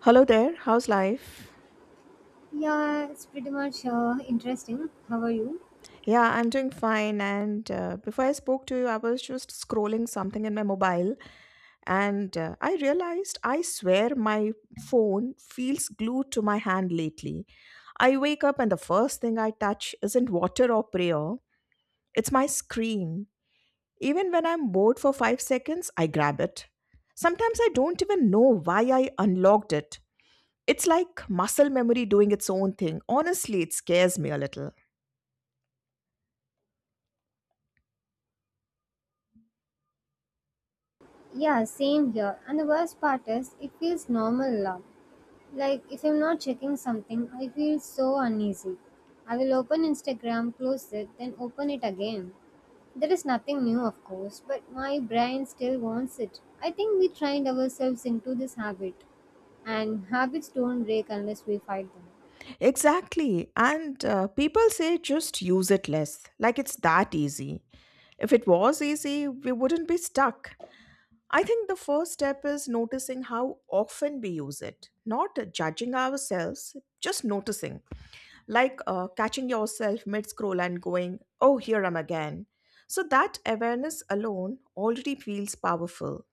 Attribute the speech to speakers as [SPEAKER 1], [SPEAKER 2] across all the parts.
[SPEAKER 1] Hello there, how's life?
[SPEAKER 2] Yeah, it's pretty much interesting. How are you?
[SPEAKER 1] Yeah, I'm doing fine. And Before I spoke to you, I was just scrolling something in my mobile and I realized I swear my phone feels glued to my hand lately. I wake up and the first thing I touch isn't water or prayer, it's my screen. Even when I'm bored for 5 seconds, I grab it. Sometimes I don't even know why I unlocked it. It's like muscle memory doing its own thing. Honestly, it scares me a little.
[SPEAKER 2] Yeah, same here. And the worst part is, it feels normal. Like, if I'm not checking something, I feel so uneasy. I will open Instagram, close it, then open it again. There is nothing new, of course, but my brain still wants it. I think we trained ourselves into this habit, and habits don't break unless we fight them.
[SPEAKER 1] Exactly. And People say just use it less, like it's that easy. If it was easy, we wouldn't be stuck. I think the first step is noticing how often we use it, not judging ourselves, just noticing. Catching yourself mid scroll and going, oh, here I'm again. So that awareness alone already feels powerful.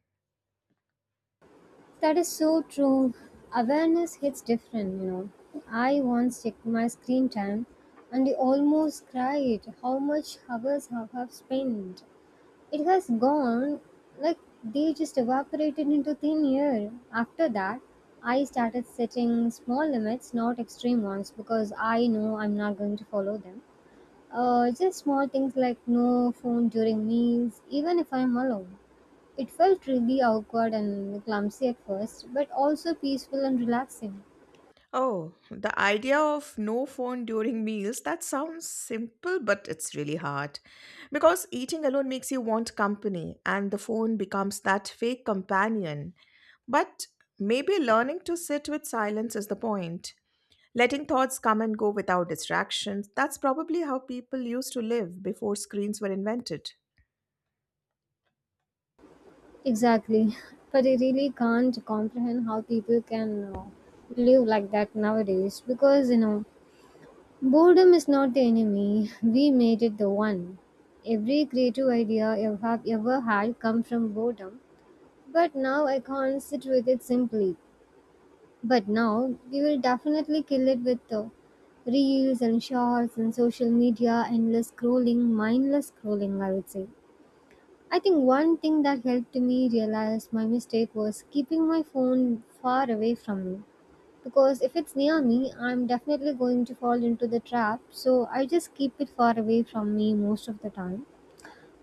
[SPEAKER 2] That is so true. Awareness hits different, you know. I once checked my screen time and I almost cried how much hours I have spent. It has gone like they just evaporated into thin air. After that, I started setting small limits, not extreme ones, because I know I'm not going to follow them. Just small things like no phone during meals, even if I'm alone. It felt really awkward and clumsy at first, but also peaceful and relaxing.
[SPEAKER 1] Oh, the idea of no phone during meals, that sounds simple, but it's really hard. Because eating alone makes you want company, and the phone becomes that fake companion. But maybe learning to sit with silence is the point. Letting thoughts come and go without distractions, that's probably how people used to live before screens were invented.
[SPEAKER 2] Exactly. But I really can't comprehend how people can live like that nowadays because, you know, boredom is not the enemy. We made it the one. Every creative idea I have ever had come from boredom, but now I can't sit with it simply. But now we will definitely kill it with reels and shorts and social media, endless scrolling, mindless scrolling, I would say. I think one thing that helped me realize my mistake was keeping my phone far away from me. Because if it's near me, I'm definitely going to fall into the trap. So I just keep it far away from me most of the time.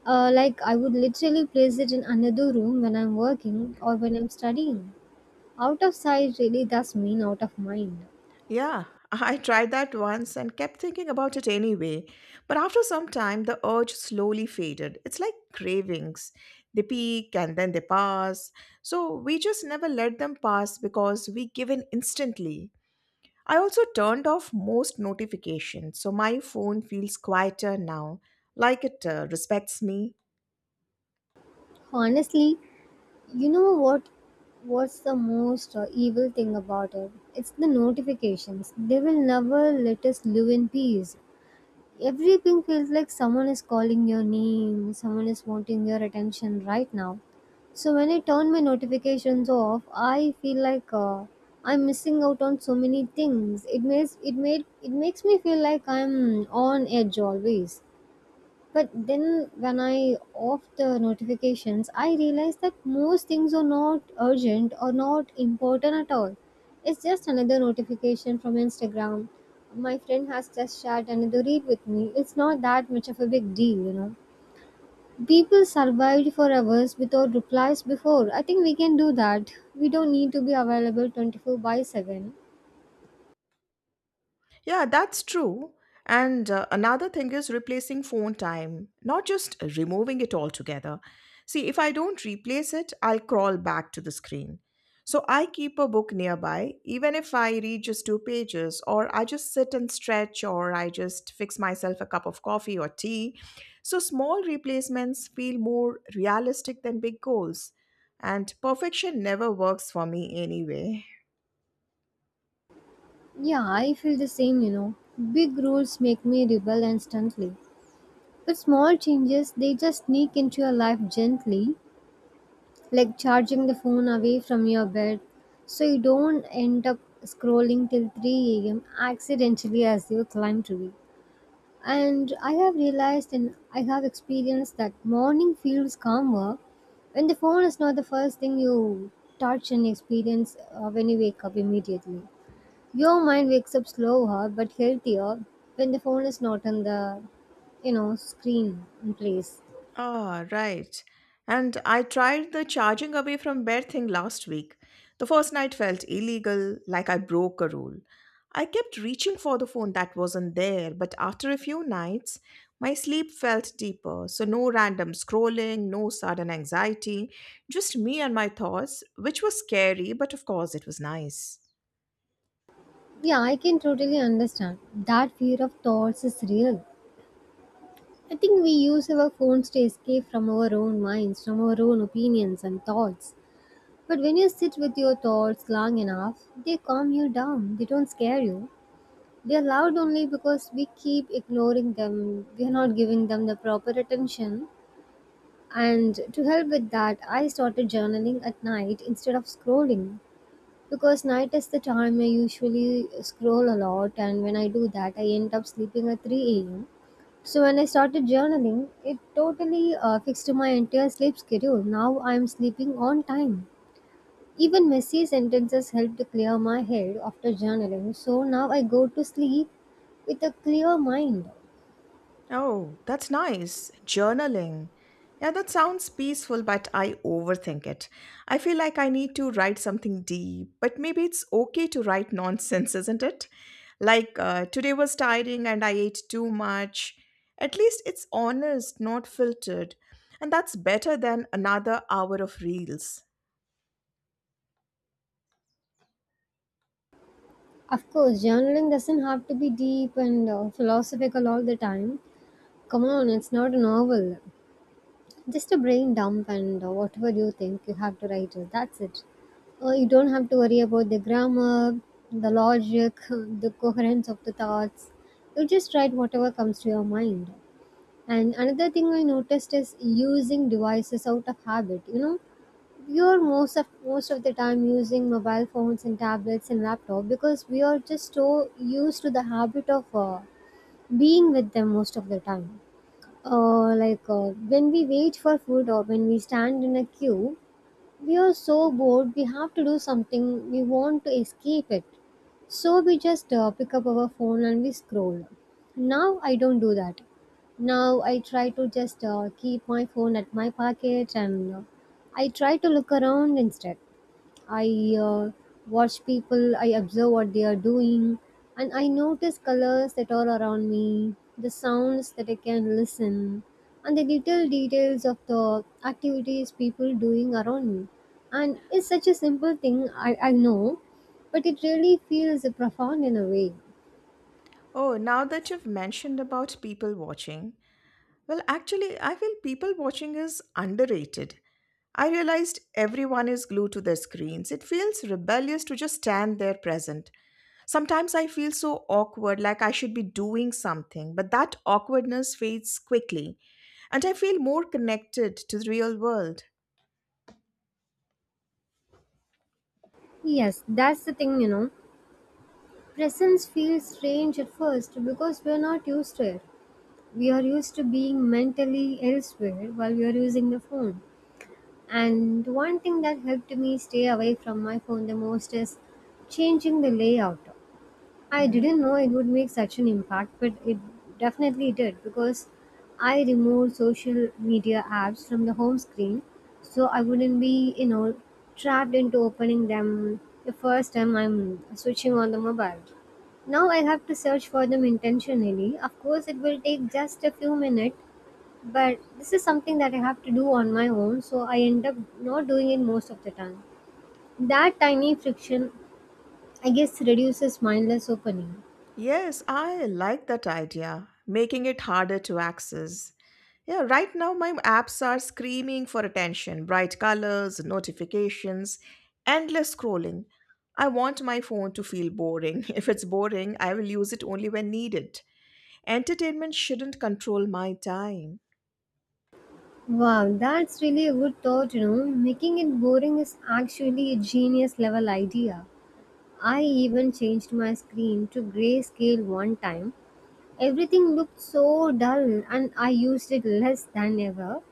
[SPEAKER 2] Like I would literally place it in another room when I'm working or when I'm studying. Out of sight really does mean out of mind.
[SPEAKER 1] Yeah, I tried that once and kept thinking about it anyway. But after some time, the urge slowly faded. It's like cravings. They peak and then they pass. So we just never let them pass because we give in instantly. I also turned off most notifications, so my phone feels quieter now, like it respects me.
[SPEAKER 2] Honestly, you know what? What's the most evil thing about it? It's the notifications. They will never let us live in peace. Everything feels like someone is calling your name, someone is wanting your attention right now. So when I turn my notifications off, I feel like I'm missing out on so many things. It makes me feel like I'm on edge always. But then when I off the notifications, I realize that most things are not urgent or not important at all. It's just another notification from Instagram. My friend has just shared another read with me. It's not that much of a big deal, you know. People survived for hours without replies before. I think we can do that. We don't need to be available 24 by 7.
[SPEAKER 1] Yeah, that's true. And Another thing is replacing phone time, not just removing it altogether. See, if I don't replace it, I'll crawl back to the screen. So I keep a book nearby, even if I read just two pages, or I just sit and stretch, or I just fix myself a cup of coffee or tea. So small replacements feel more realistic than big goals. And perfection never works for me anyway.
[SPEAKER 2] Yeah, I feel the same, you know. Big rules make me rebel instantly. With small changes, they just sneak into your life gently, like charging the phone away from your bed so you don't end up scrolling till 3 a.m. accidentally as you climb to it. And I have experienced that morning feels calmer when the phone is not the first thing you touch and experience when you wake up immediately. Your mind wakes up slower but healthier when the phone is not on the, you know, screen in place.
[SPEAKER 1] Ah, right. And I tried the charging away from bed thing last week. The first night felt illegal, like I broke a rule. I kept reaching for the phone that wasn't there, but after a few nights, my sleep felt deeper. So, no random scrolling, no sudden anxiety, just me and my thoughts, which was scary, but of course, it was nice.
[SPEAKER 2] Yeah, I can totally understand. That fear of thoughts is real. I think we use our phones to escape from our own minds, from our own opinions and thoughts. But when you sit with your thoughts long enough, they calm you down. They don't scare you. They are loud only because we keep ignoring them. We are not giving them the proper attention. And to help with that, I started journaling at night instead of scrolling. Because night is the time I usually scroll a lot, and when I do that, I end up sleeping at 3 a.m. So when I started journaling, it totally fixed my entire sleep schedule. Now I'm sleeping on time. Even messy sentences help to clear my head after journaling. So now I go to sleep with a clear mind.
[SPEAKER 1] Oh, that's nice. Journaling. Yeah, that sounds peaceful, but I overthink it. I feel like I need to write something deep, but maybe it's okay to write nonsense, isn't it? Today was tiring and I ate too much. At least it's honest, not filtered. And that's better than another hour of reels.
[SPEAKER 2] Of course, journaling doesn't have to be deep and philosophical all the time. Come on, it's not a novel. Just a brain dump, and whatever you think, you have to write it. That's it. You don't have to worry about the grammar, the logic, the coherence of the thoughts. You just write whatever comes to your mind. And another thing I noticed is using devices out of habit. You know, we are most of the time using mobile phones and tablets and laptop because we are just so used to the habit of being with them most of the time, when we wait for food or when we stand in a queue, we are so bored, we have to do something, we want to escape it. So we just pick up our phone and we scroll. Now I don't do that. Now I try to just keep my phone at my pocket and I try to look around instead. I watch people, I observe what they are doing, and I notice colors that are around me, the sounds that I can listen, and the little details of the activities people doing around me. And it's such a simple thing, I know, but it really feels profound in a way.
[SPEAKER 1] Oh, now that you've mentioned about people watching, well, actually, I feel people watching is underrated. I realized everyone is glued to their screens. It feels rebellious to just stand there present. Sometimes I feel so awkward, like I should be doing something, but that awkwardness fades quickly, and I feel more connected to the real world.
[SPEAKER 2] Yes, that's the thing, you know. Presence feels strange at first because we are not used to it. We are used to being mentally elsewhere while we are using the phone. And one thing that helped me stay away from my phone the most is changing the layout. I
[SPEAKER 1] Mhm.
[SPEAKER 2] didn't know it would make such an impact, but it definitely did because I removed social media apps from the home screen so I wouldn't be, you know, trapped into opening them the first time I'm switching on the mobile. Now I have to search for them intentionally. Of course, it will take just a few minutes but this is something that I have to do on my own, so I end up not doing it most of the time. That tiny friction, I guess, reduces mindless opening.
[SPEAKER 1] Yes, I like that idea, making it harder to access. Yeah, right now my apps are screaming for attention, bright colors, notifications, endless scrolling. I want my phone to feel boring. If it's boring, I will use it only when needed. Entertainment shouldn't control my time.
[SPEAKER 2] Wow, that's really a good thought, you know. Making it boring is actually a genius level idea. I even changed my screen to grayscale one time. Everything looked so dull, and I used it less than ever.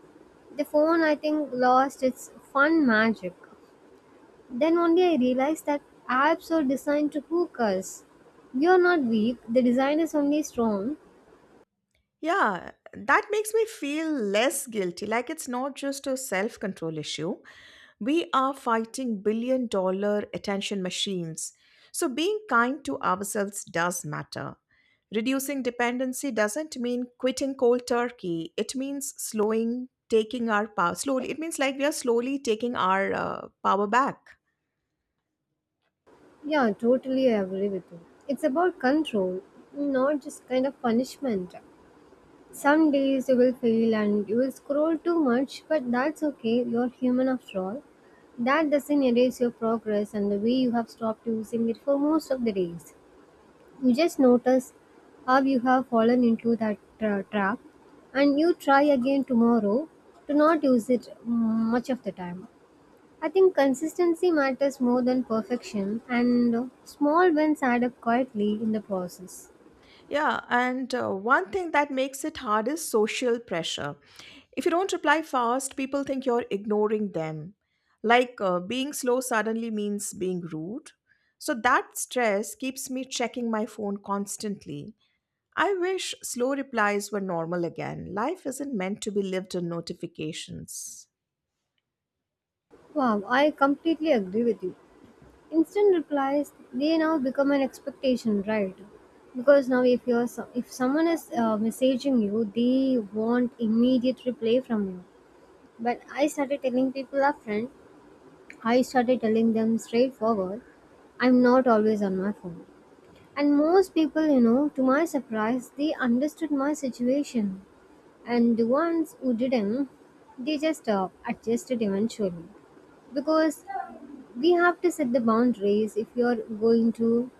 [SPEAKER 2] The phone, I think, lost its fun magic. Then only I realized that apps are designed to hook us. We are not weak, the design is only strong.
[SPEAKER 1] Yeah, that makes me feel less guilty. Like it's not just a self control issue, we are fighting billion dollar attention machines. So, being kind to ourselves does matter. Reducing dependency doesn't mean quitting cold turkey. It means slowing, taking our power slowly. It means like we are slowly taking our power back.
[SPEAKER 2] Yeah, totally I agree with you. It's about control, not just kind of punishment. Some days you will fail and you will scroll too much, but that's okay, you're human after all. That doesn't erase your progress and the way you have stopped using it for most of the days. You just notice how you have fallen into that trap and you try again tomorrow to not use it much of the time. I think consistency matters more than perfection, and small wins add up quietly in the process.
[SPEAKER 1] Yeah, and one thing that makes it hard is social pressure. If you don't reply fast, people think you're ignoring them. Being slow suddenly means being rude. So that stress keeps me checking my phone constantly. I wish slow replies were normal again. Life isn't meant to be lived in notifications.
[SPEAKER 2] Wow, I completely agree with you. Instant replies they now become an expectation, right? Because now if if someone is messaging you, they want immediate reply from you. But I started telling them straightforward, I'm not always on my phone. And most people, you know, to my surprise, they understood my situation. And the ones who didn't, they just adjusted eventually. Because we have to set the boundaries if you're going to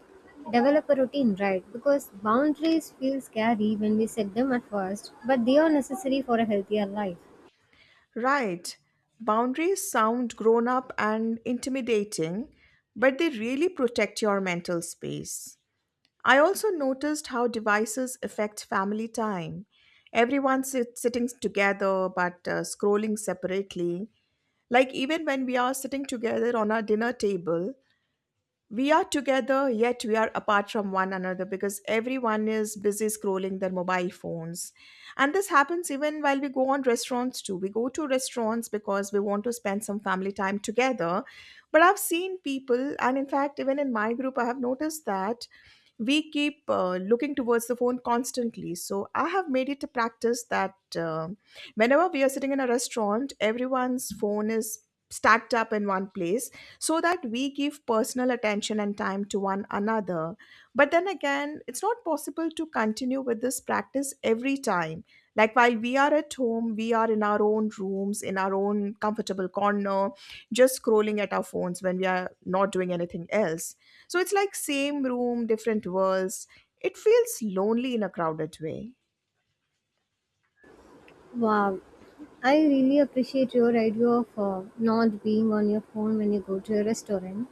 [SPEAKER 2] develop a routine, right? Because boundaries feel scary when we set them at first, but they are necessary for a healthier life.
[SPEAKER 1] Right. Boundaries sound grown up and intimidating, but they really protect your mental space. I also noticed how devices affect family time. Everyone sitting together but scrolling separately. Like even when we are sitting together on our dinner table, we are together yet we are apart from one another because everyone is busy scrolling their mobile phones. And this happens even while we go on restaurants too. We go to restaurants because we want to spend some family time together. But I've seen people, and in fact, even in my group, I have noticed that we keep looking towards the phone constantly. So I have made it a practice that whenever we are sitting in a restaurant, everyone's phone is stacked up in one place so that we give personal attention and time to one another, but then again, it's not possible to continue with this practice every time. Like while we are at home, we are in our own rooms, in our own comfortable corner, just scrolling at our phones when we are not doing anything else. So it's like same room, different worlds. It feels lonely in a crowded way.
[SPEAKER 2] Wow, I really appreciate your idea of not being on your phone when you go to a restaurant.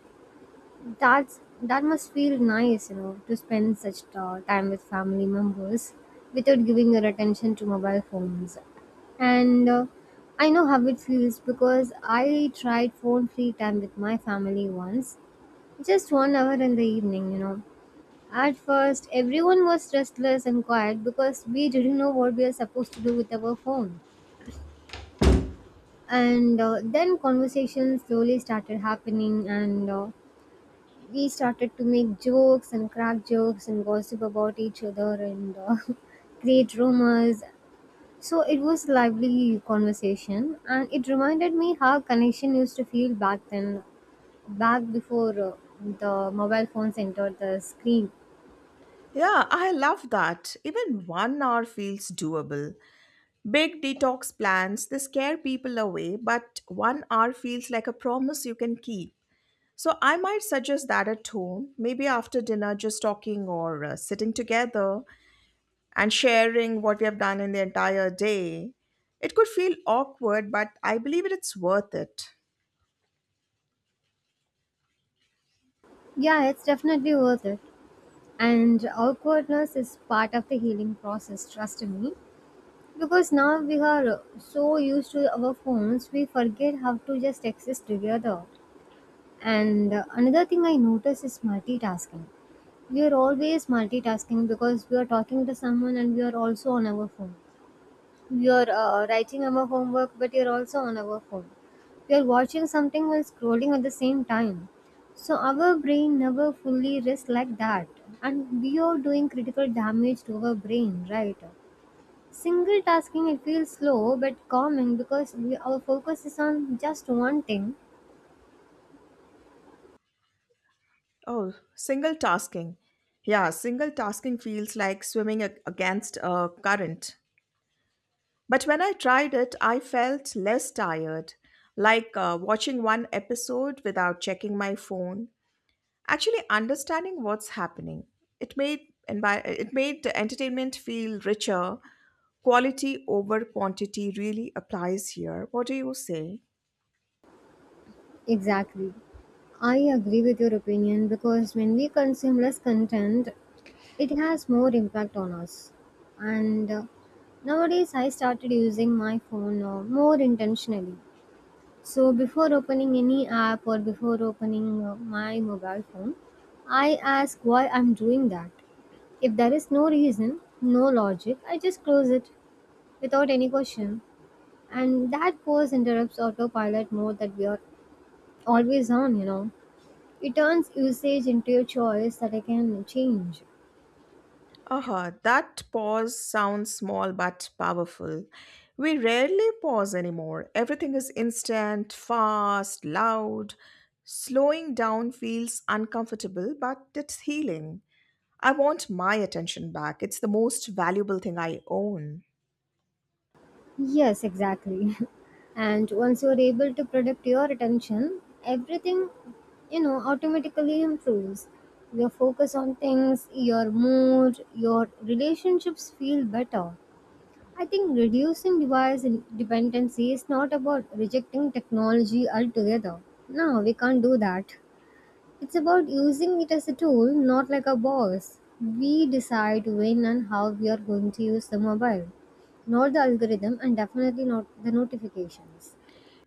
[SPEAKER 2] That must feel nice, you know, to spend such time with family members without giving your attention to mobile phones. And I know how it feels because I tried phone-free time with my family once, just 1 hour in the evening, you know. At first, everyone was restless and quiet because we didn't know what we are supposed to do with our phone. And then conversations slowly started happening and we started to make jokes and crack jokes and gossip about each other and create rumors, so it was lively conversation and it reminded me how connection used to feel back then, back before the mobile phones entered the screen.
[SPEAKER 1] Yeah, I love that. Even 1 hour feels doable. Big detox plans, they scare people away, but 1 hour feels like a promise you can keep. So I might suggest that at home, maybe after dinner, just talking or sitting together and sharing what we have done in the entire day. It could feel awkward, but I believe it's worth it.
[SPEAKER 2] Yeah, it's definitely worth it, and awkwardness is part of the healing process, trust me. Because now we are so used to our phones, we forget how to just exist together. And another thing I notice is multitasking. We are always multitasking because we are talking to someone and we are also on our phone. We are writing our homework, but we are also on our phone. We are watching something while scrolling at the same time. So our brain never fully rests like that. And we are doing critical damage to our brain, right? Single tasking, it feels slow but calming because our focus is on just one thing.
[SPEAKER 1] Oh, single tasking. Yeah, single tasking feels like swimming against a current. But when I tried it, I felt less tired, like watching one episode without checking my phone, actually understanding what's happening. It made, and by, it made the entertainment feel richer. Quality over quantity really applies here, what do you say?
[SPEAKER 2] Exactly. I agree with your opinion because when we consume less content, it has more impact on us. And Nowadays, I started using my phone more intentionally. So, before opening any app or before opening my mobile phone, I ask why I'm doing that. If there is no reason, no logic, I just close it, without any question. And that pause interrupts autopilot mode that we are always on, you know. It turns usage into a choice that I can change.
[SPEAKER 1] Uh-huh, that pause sounds small but powerful. We rarely pause anymore, everything is instant, fast, loud. Slowing down feels uncomfortable but it's healing. I want my attention back, it's the most valuable thing I own.
[SPEAKER 2] Yes, exactly. And once you're able to protect your attention, everything, you know, automatically improves. Your focus on things, your mood, your relationships feel better. I think reducing dependency is not about rejecting technology altogether. No, we can't do that. It's about using it as a tool, not like a boss. We decide when and how we are going to use the mobile, not the algorithm, and definitely not the notifications.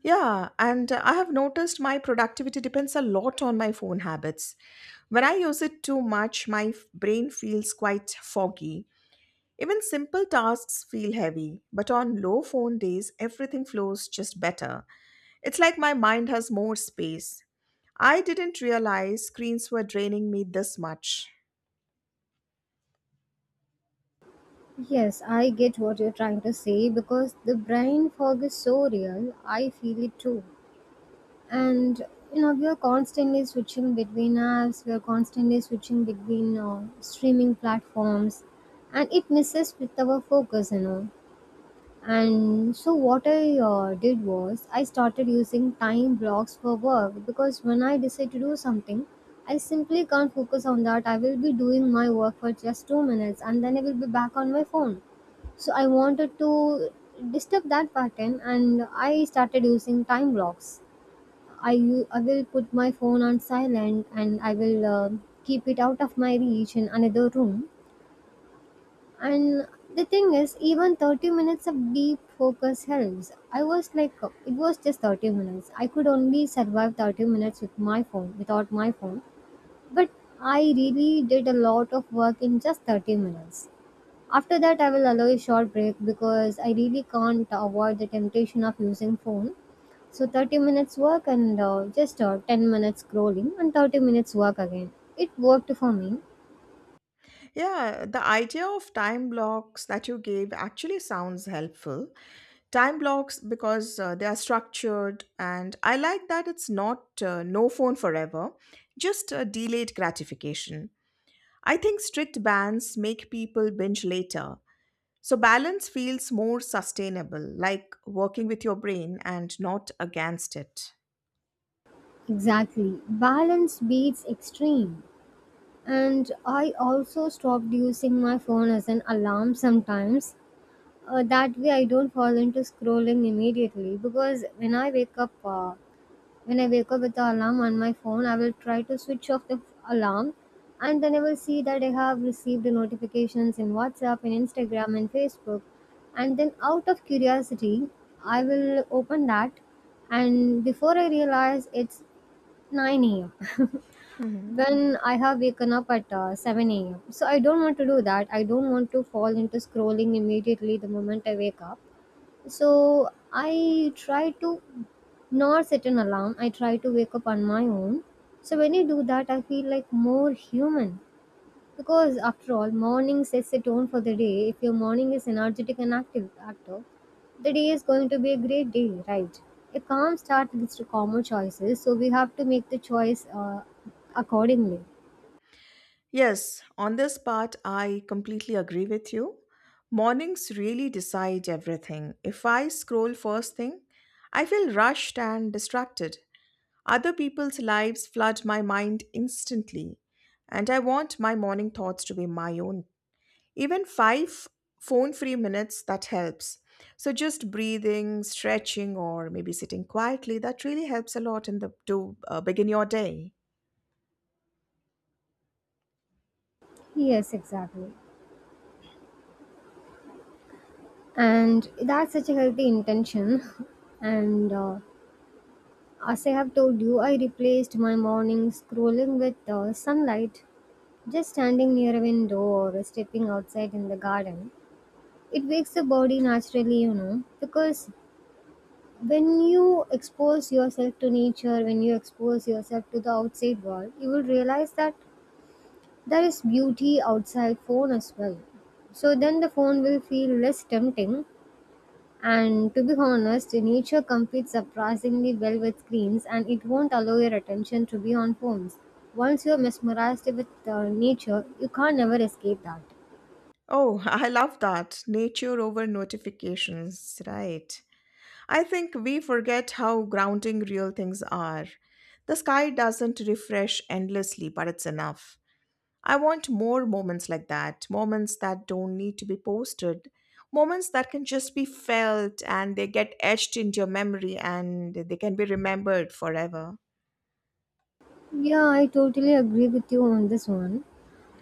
[SPEAKER 1] Yeah, and I have noticed my productivity depends a lot on my phone habits. When I use it too much, my brain feels quite foggy. Even simple tasks feel heavy, but on low phone days, everything flows just better. It's like my mind has more space. I didn't realize screens were draining me this much.
[SPEAKER 2] Yes, I get what you're trying to say because the brain fog is so real. I feel it too. And you know, we are constantly switching between apps. We are constantly switching between streaming platforms, and it messes with our focus, you know. And so what I did was I started using time blocks for work, because when I decide to do something, I simply can't focus on that. I will be doing my work for just 2 minutes and then I will be back on my phone. So I wanted to disturb that pattern, and I started using time blocks. I will put my phone on silent and I will keep it out of my reach in another room. And the thing is, even 30 minutes of deep focus helps. I was like, it was just 30 minutes. I could only survive 30 minutes with my phone, without my phone. But I really did a lot of work in just 30 minutes. After that, I will allow a short break because I really can't avoid the temptation of using phone. So 30 minutes work and just 10 minutes scrolling and 30 minutes work again. It worked for me.
[SPEAKER 1] Yeah, the idea of time blocks that you gave actually sounds helpful. Time blocks because they are structured and I like that. It's not no phone forever, just delayed gratification. I think strict bans make people binge later, so balance feels more sustainable, like working with your brain and not against it.
[SPEAKER 2] Exactly. Balance beats extreme. And I also stopped using my phone as an alarm sometimes. That way I don't fall into scrolling immediately because when I wake up with the alarm on my phone, I will try to switch off the alarm, and then I will see that I have received the notifications in WhatsApp, in Instagram and Facebook. And then, out of curiosity, I will open that. And before I realize, it's 9 a.m.,
[SPEAKER 1] Mhm.
[SPEAKER 2] when I have waken up at 7 a.m. So I don't want to do that. I don't want to fall into scrolling immediately the moment I wake up. So I try to not set an alarm. I try to wake up on my own. So when I do that, I feel like more human. Because after all, morning sets the tone for the day. If your morning is energetic and active, the day is going to be a great day, right? A calm start leads to calmer choices, so we have to make the choice accordingly.
[SPEAKER 1] Yes, on this part, I completely agree with you. Mornings really decide everything. If I scroll first thing, I feel rushed and distracted. Other people's lives flood my mind instantly, and I want my morning thoughts to be my own. Even five phone free minutes that helps. So, just breathing, stretching, or maybe sitting quietly that really helps a lot in the to begin your day.
[SPEAKER 2] Yes, exactly. And that's such a healthy intention. And As I have told you, I replaced my morning scrolling with sunlight. Just standing near a window or stepping outside in the garden, it wakes the body naturally, you know, because when you expose yourself to nature, when you expose yourself to the outside world, you will realize that there is beauty outside phone as well. So then the phone will feel less tempting. And to be honest, nature competes surprisingly well with screens and it won't allow your attention to be on phones. Once you're mesmerized with nature, you can't never escape that.
[SPEAKER 1] Oh, I love that. Nature over notifications, right? I think we forget how grounding real things are. The sky doesn't refresh endlessly, but it's enough. I want more moments like that, moments that don't need to be posted, moments that can just be felt and they get etched into your memory and they can be remembered forever.
[SPEAKER 2] Yeah, I totally agree with you on this one.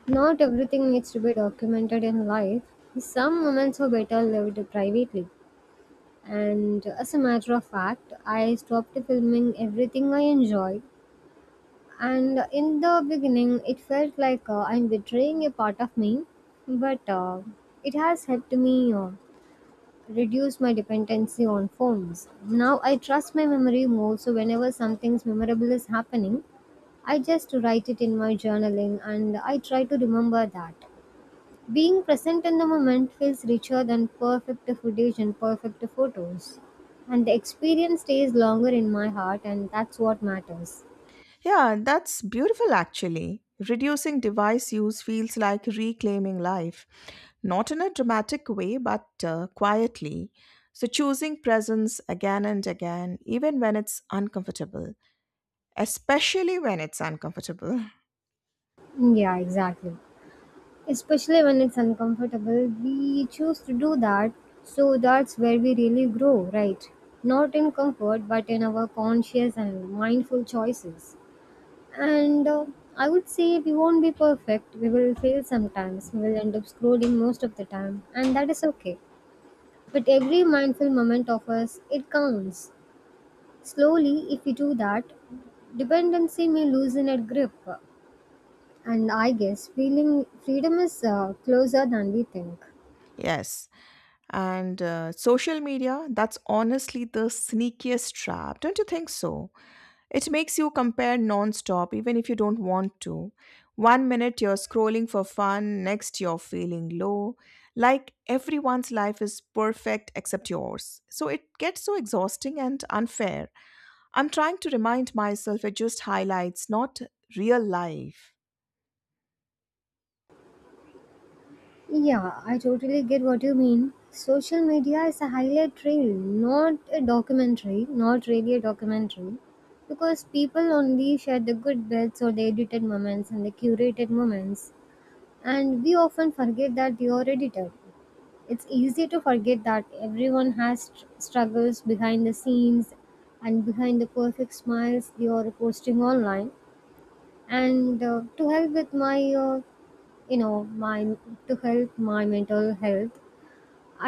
[SPEAKER 2] Not everything needs to be documented in life. Some moments are better lived privately. And as a matter of fact, I stopped filming everything I enjoy. And in the beginning, it felt like I'm betraying a part of me, but it has helped me reduce my dependency on phones. Now I trust my memory more, so whenever something memorable is happening, I just write it in my journaling and I try to remember that. Being present in the moment feels richer than perfect footage and perfect photos. And the experience stays longer in my heart, and that's what matters.
[SPEAKER 1] Yeah, that's beautiful actually. Reducing device use feels like reclaiming life, not in a dramatic way, but quietly. So, choosing presence again and again, even when it's uncomfortable, especially when it's uncomfortable.
[SPEAKER 2] Yeah, exactly. Especially when it's uncomfortable, we choose to do that. So that's where we really grow, right? Not in comfort, but in our conscious and mindful choices. And I would say we won't be perfect. We will fail sometimes. We will end up scrolling most of the time. And that is okay. But every mindful moment of us, it counts. Slowly, if we do that, dependency may loosen its grip. And I guess feeling freedom is closer than we think.
[SPEAKER 1] Yes. And Social media, that's honestly the sneakiest trap. Don't you think so? It makes you compare non-stop even if you don't want to. One minute you're scrolling for fun, next you're feeling low. Like everyone's life is perfect except yours. So it gets so exhausting and unfair. I'm trying to remind myself it just highlights, not real life.
[SPEAKER 2] Yeah, I totally get what you mean. Social media is a highlight reel, not a documentary, not really a documentary. Because people only share the good bits or the edited moments and the curated moments. And we often forget that they are edited. It's easy to forget that everyone has struggles behind the scenes and behind the perfect smiles they are posting online. And to help with my you know my To help my mental health,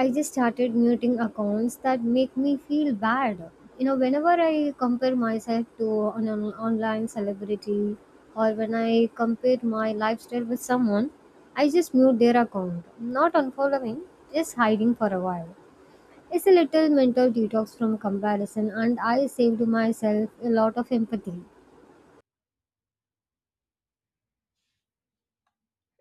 [SPEAKER 2] I just started muting accounts that make me feel bad. You know, whenever I compare myself to an online celebrity, or when I compare my lifestyle with someone, I just mute their account, not unfollowing, just hiding for a while. It's a little mental detox from comparison, and I saved myself a lot of empathy.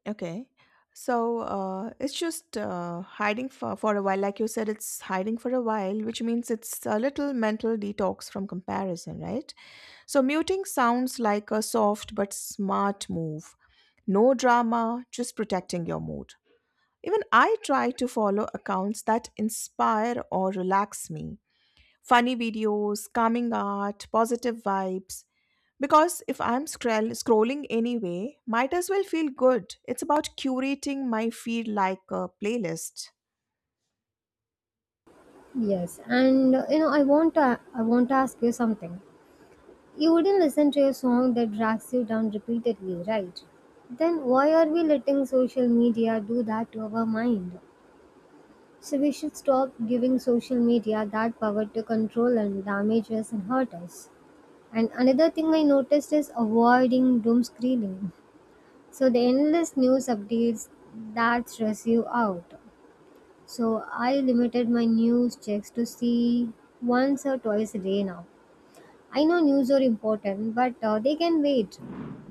[SPEAKER 1] Okay. So it's just hiding for a while. Like you said, it's hiding for a while, which means it's a little mental detox from comparison, right? So muting sounds like a soft but smart move. No drama, just protecting your mood. Even I try to follow accounts that inspire or relax me. Funny videos, calming art, positive vibes. Because if I'm scrolling anyway, might as well feel good. It's about curating my feed like a playlist.
[SPEAKER 2] Yes, and you know, I want to ask you something. You wouldn't listen to a song that drags you down repeatedly, right? Then why are we letting social media do that to our mind? So we should stop giving social media that power to control and damage us and hurt us. And another thing I noticed is avoiding doom screening. So the endless news updates that stress you out. So I limited my news checks to see once or twice a day now. I know news are important, but they can wait.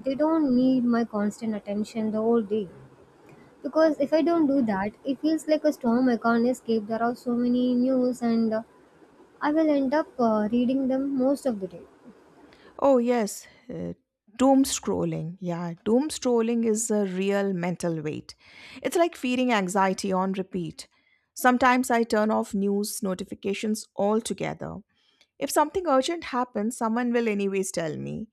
[SPEAKER 2] They don't need my constant attention the whole day. Because if I don't do that, it feels like a storm I can't escape. There are so many news, and I will end up reading them most of the day.
[SPEAKER 1] Oh, yes, doom scrolling. Yeah, doom scrolling is a real mental weight. It's like feeding anxiety on repeat. Sometimes I turn off news notifications altogether. If something urgent happens, someone will anyways tell me.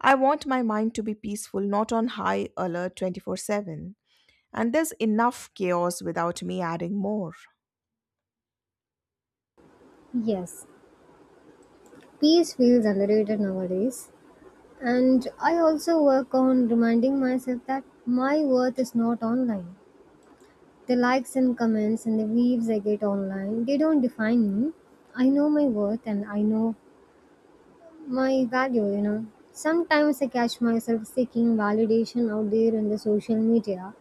[SPEAKER 1] I want my mind to be peaceful, not on high alert 24/7. And there's enough chaos without me adding more.
[SPEAKER 2] Yes, peace feels underrated nowadays. And I also work on reminding myself that my worth is not online. The likes and comments and the views I get online, they don't define me. I know my worth and I know my value, you know. Sometimes I catch myself seeking validation out there in the social media.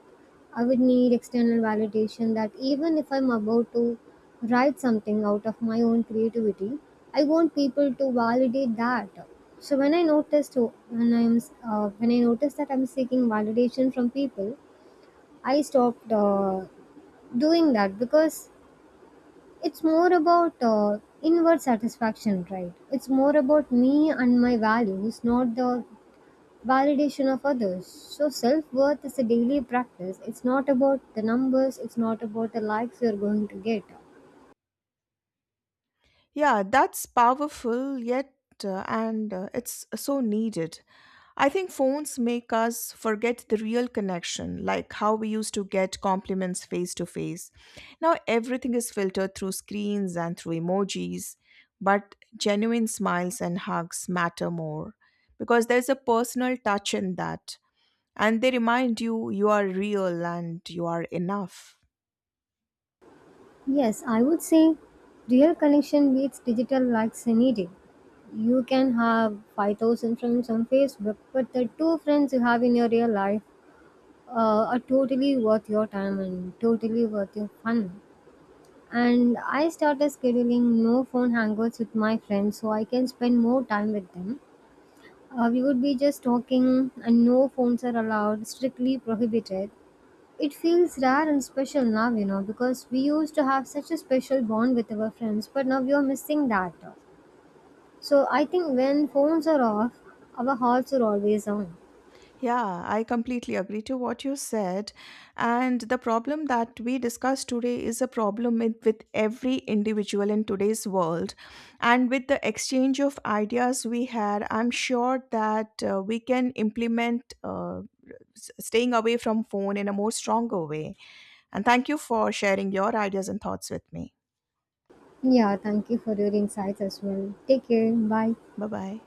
[SPEAKER 2] I would need external validation that even if I'm about to write something out of my own creativity, I want people to validate that. So when I noticed when I noticed that I'm seeking validation from people, I stopped doing that because it's more about inward satisfaction, right? It's more about me and my values, not the validation of others. So, self worth is a daily practice. It's not about the numbers, it's not about the likes you're going to get.
[SPEAKER 1] Yeah, that's powerful yet, and it's so needed. I think phones make us forget the real connection, like how we used to get compliments face to face. Now everything is filtered through screens and through emojis, but genuine smiles and hugs matter more because there's a personal touch in that, and they remind you you are real and you are enough.
[SPEAKER 2] Yes, I would say real connection beats digital likes any day. You can have 5,000 friends on Facebook, but the two friends you have in your real life are totally worth your time and totally worth your fun. And I started scheduling no phone hangouts with my friends so I can spend more time with them. We would be just talking, and no phones are allowed, strictly prohibited. It feels rare and special now, you know, because we used to have such a special bond with our friends, but now we are missing that. So I think when phones are off, our hearts are always on.
[SPEAKER 1] Yeah, I completely agree to what you said. And the problem that we discussed today is a problem with every individual in today's world. And with the exchange of ideas we had, I'm sure that we can implement staying away from phone in a more stronger way. And thank you for sharing your ideas and thoughts with me.
[SPEAKER 2] Yeah, thank you for your insights as well. Take care. Bye.
[SPEAKER 1] Bye bye.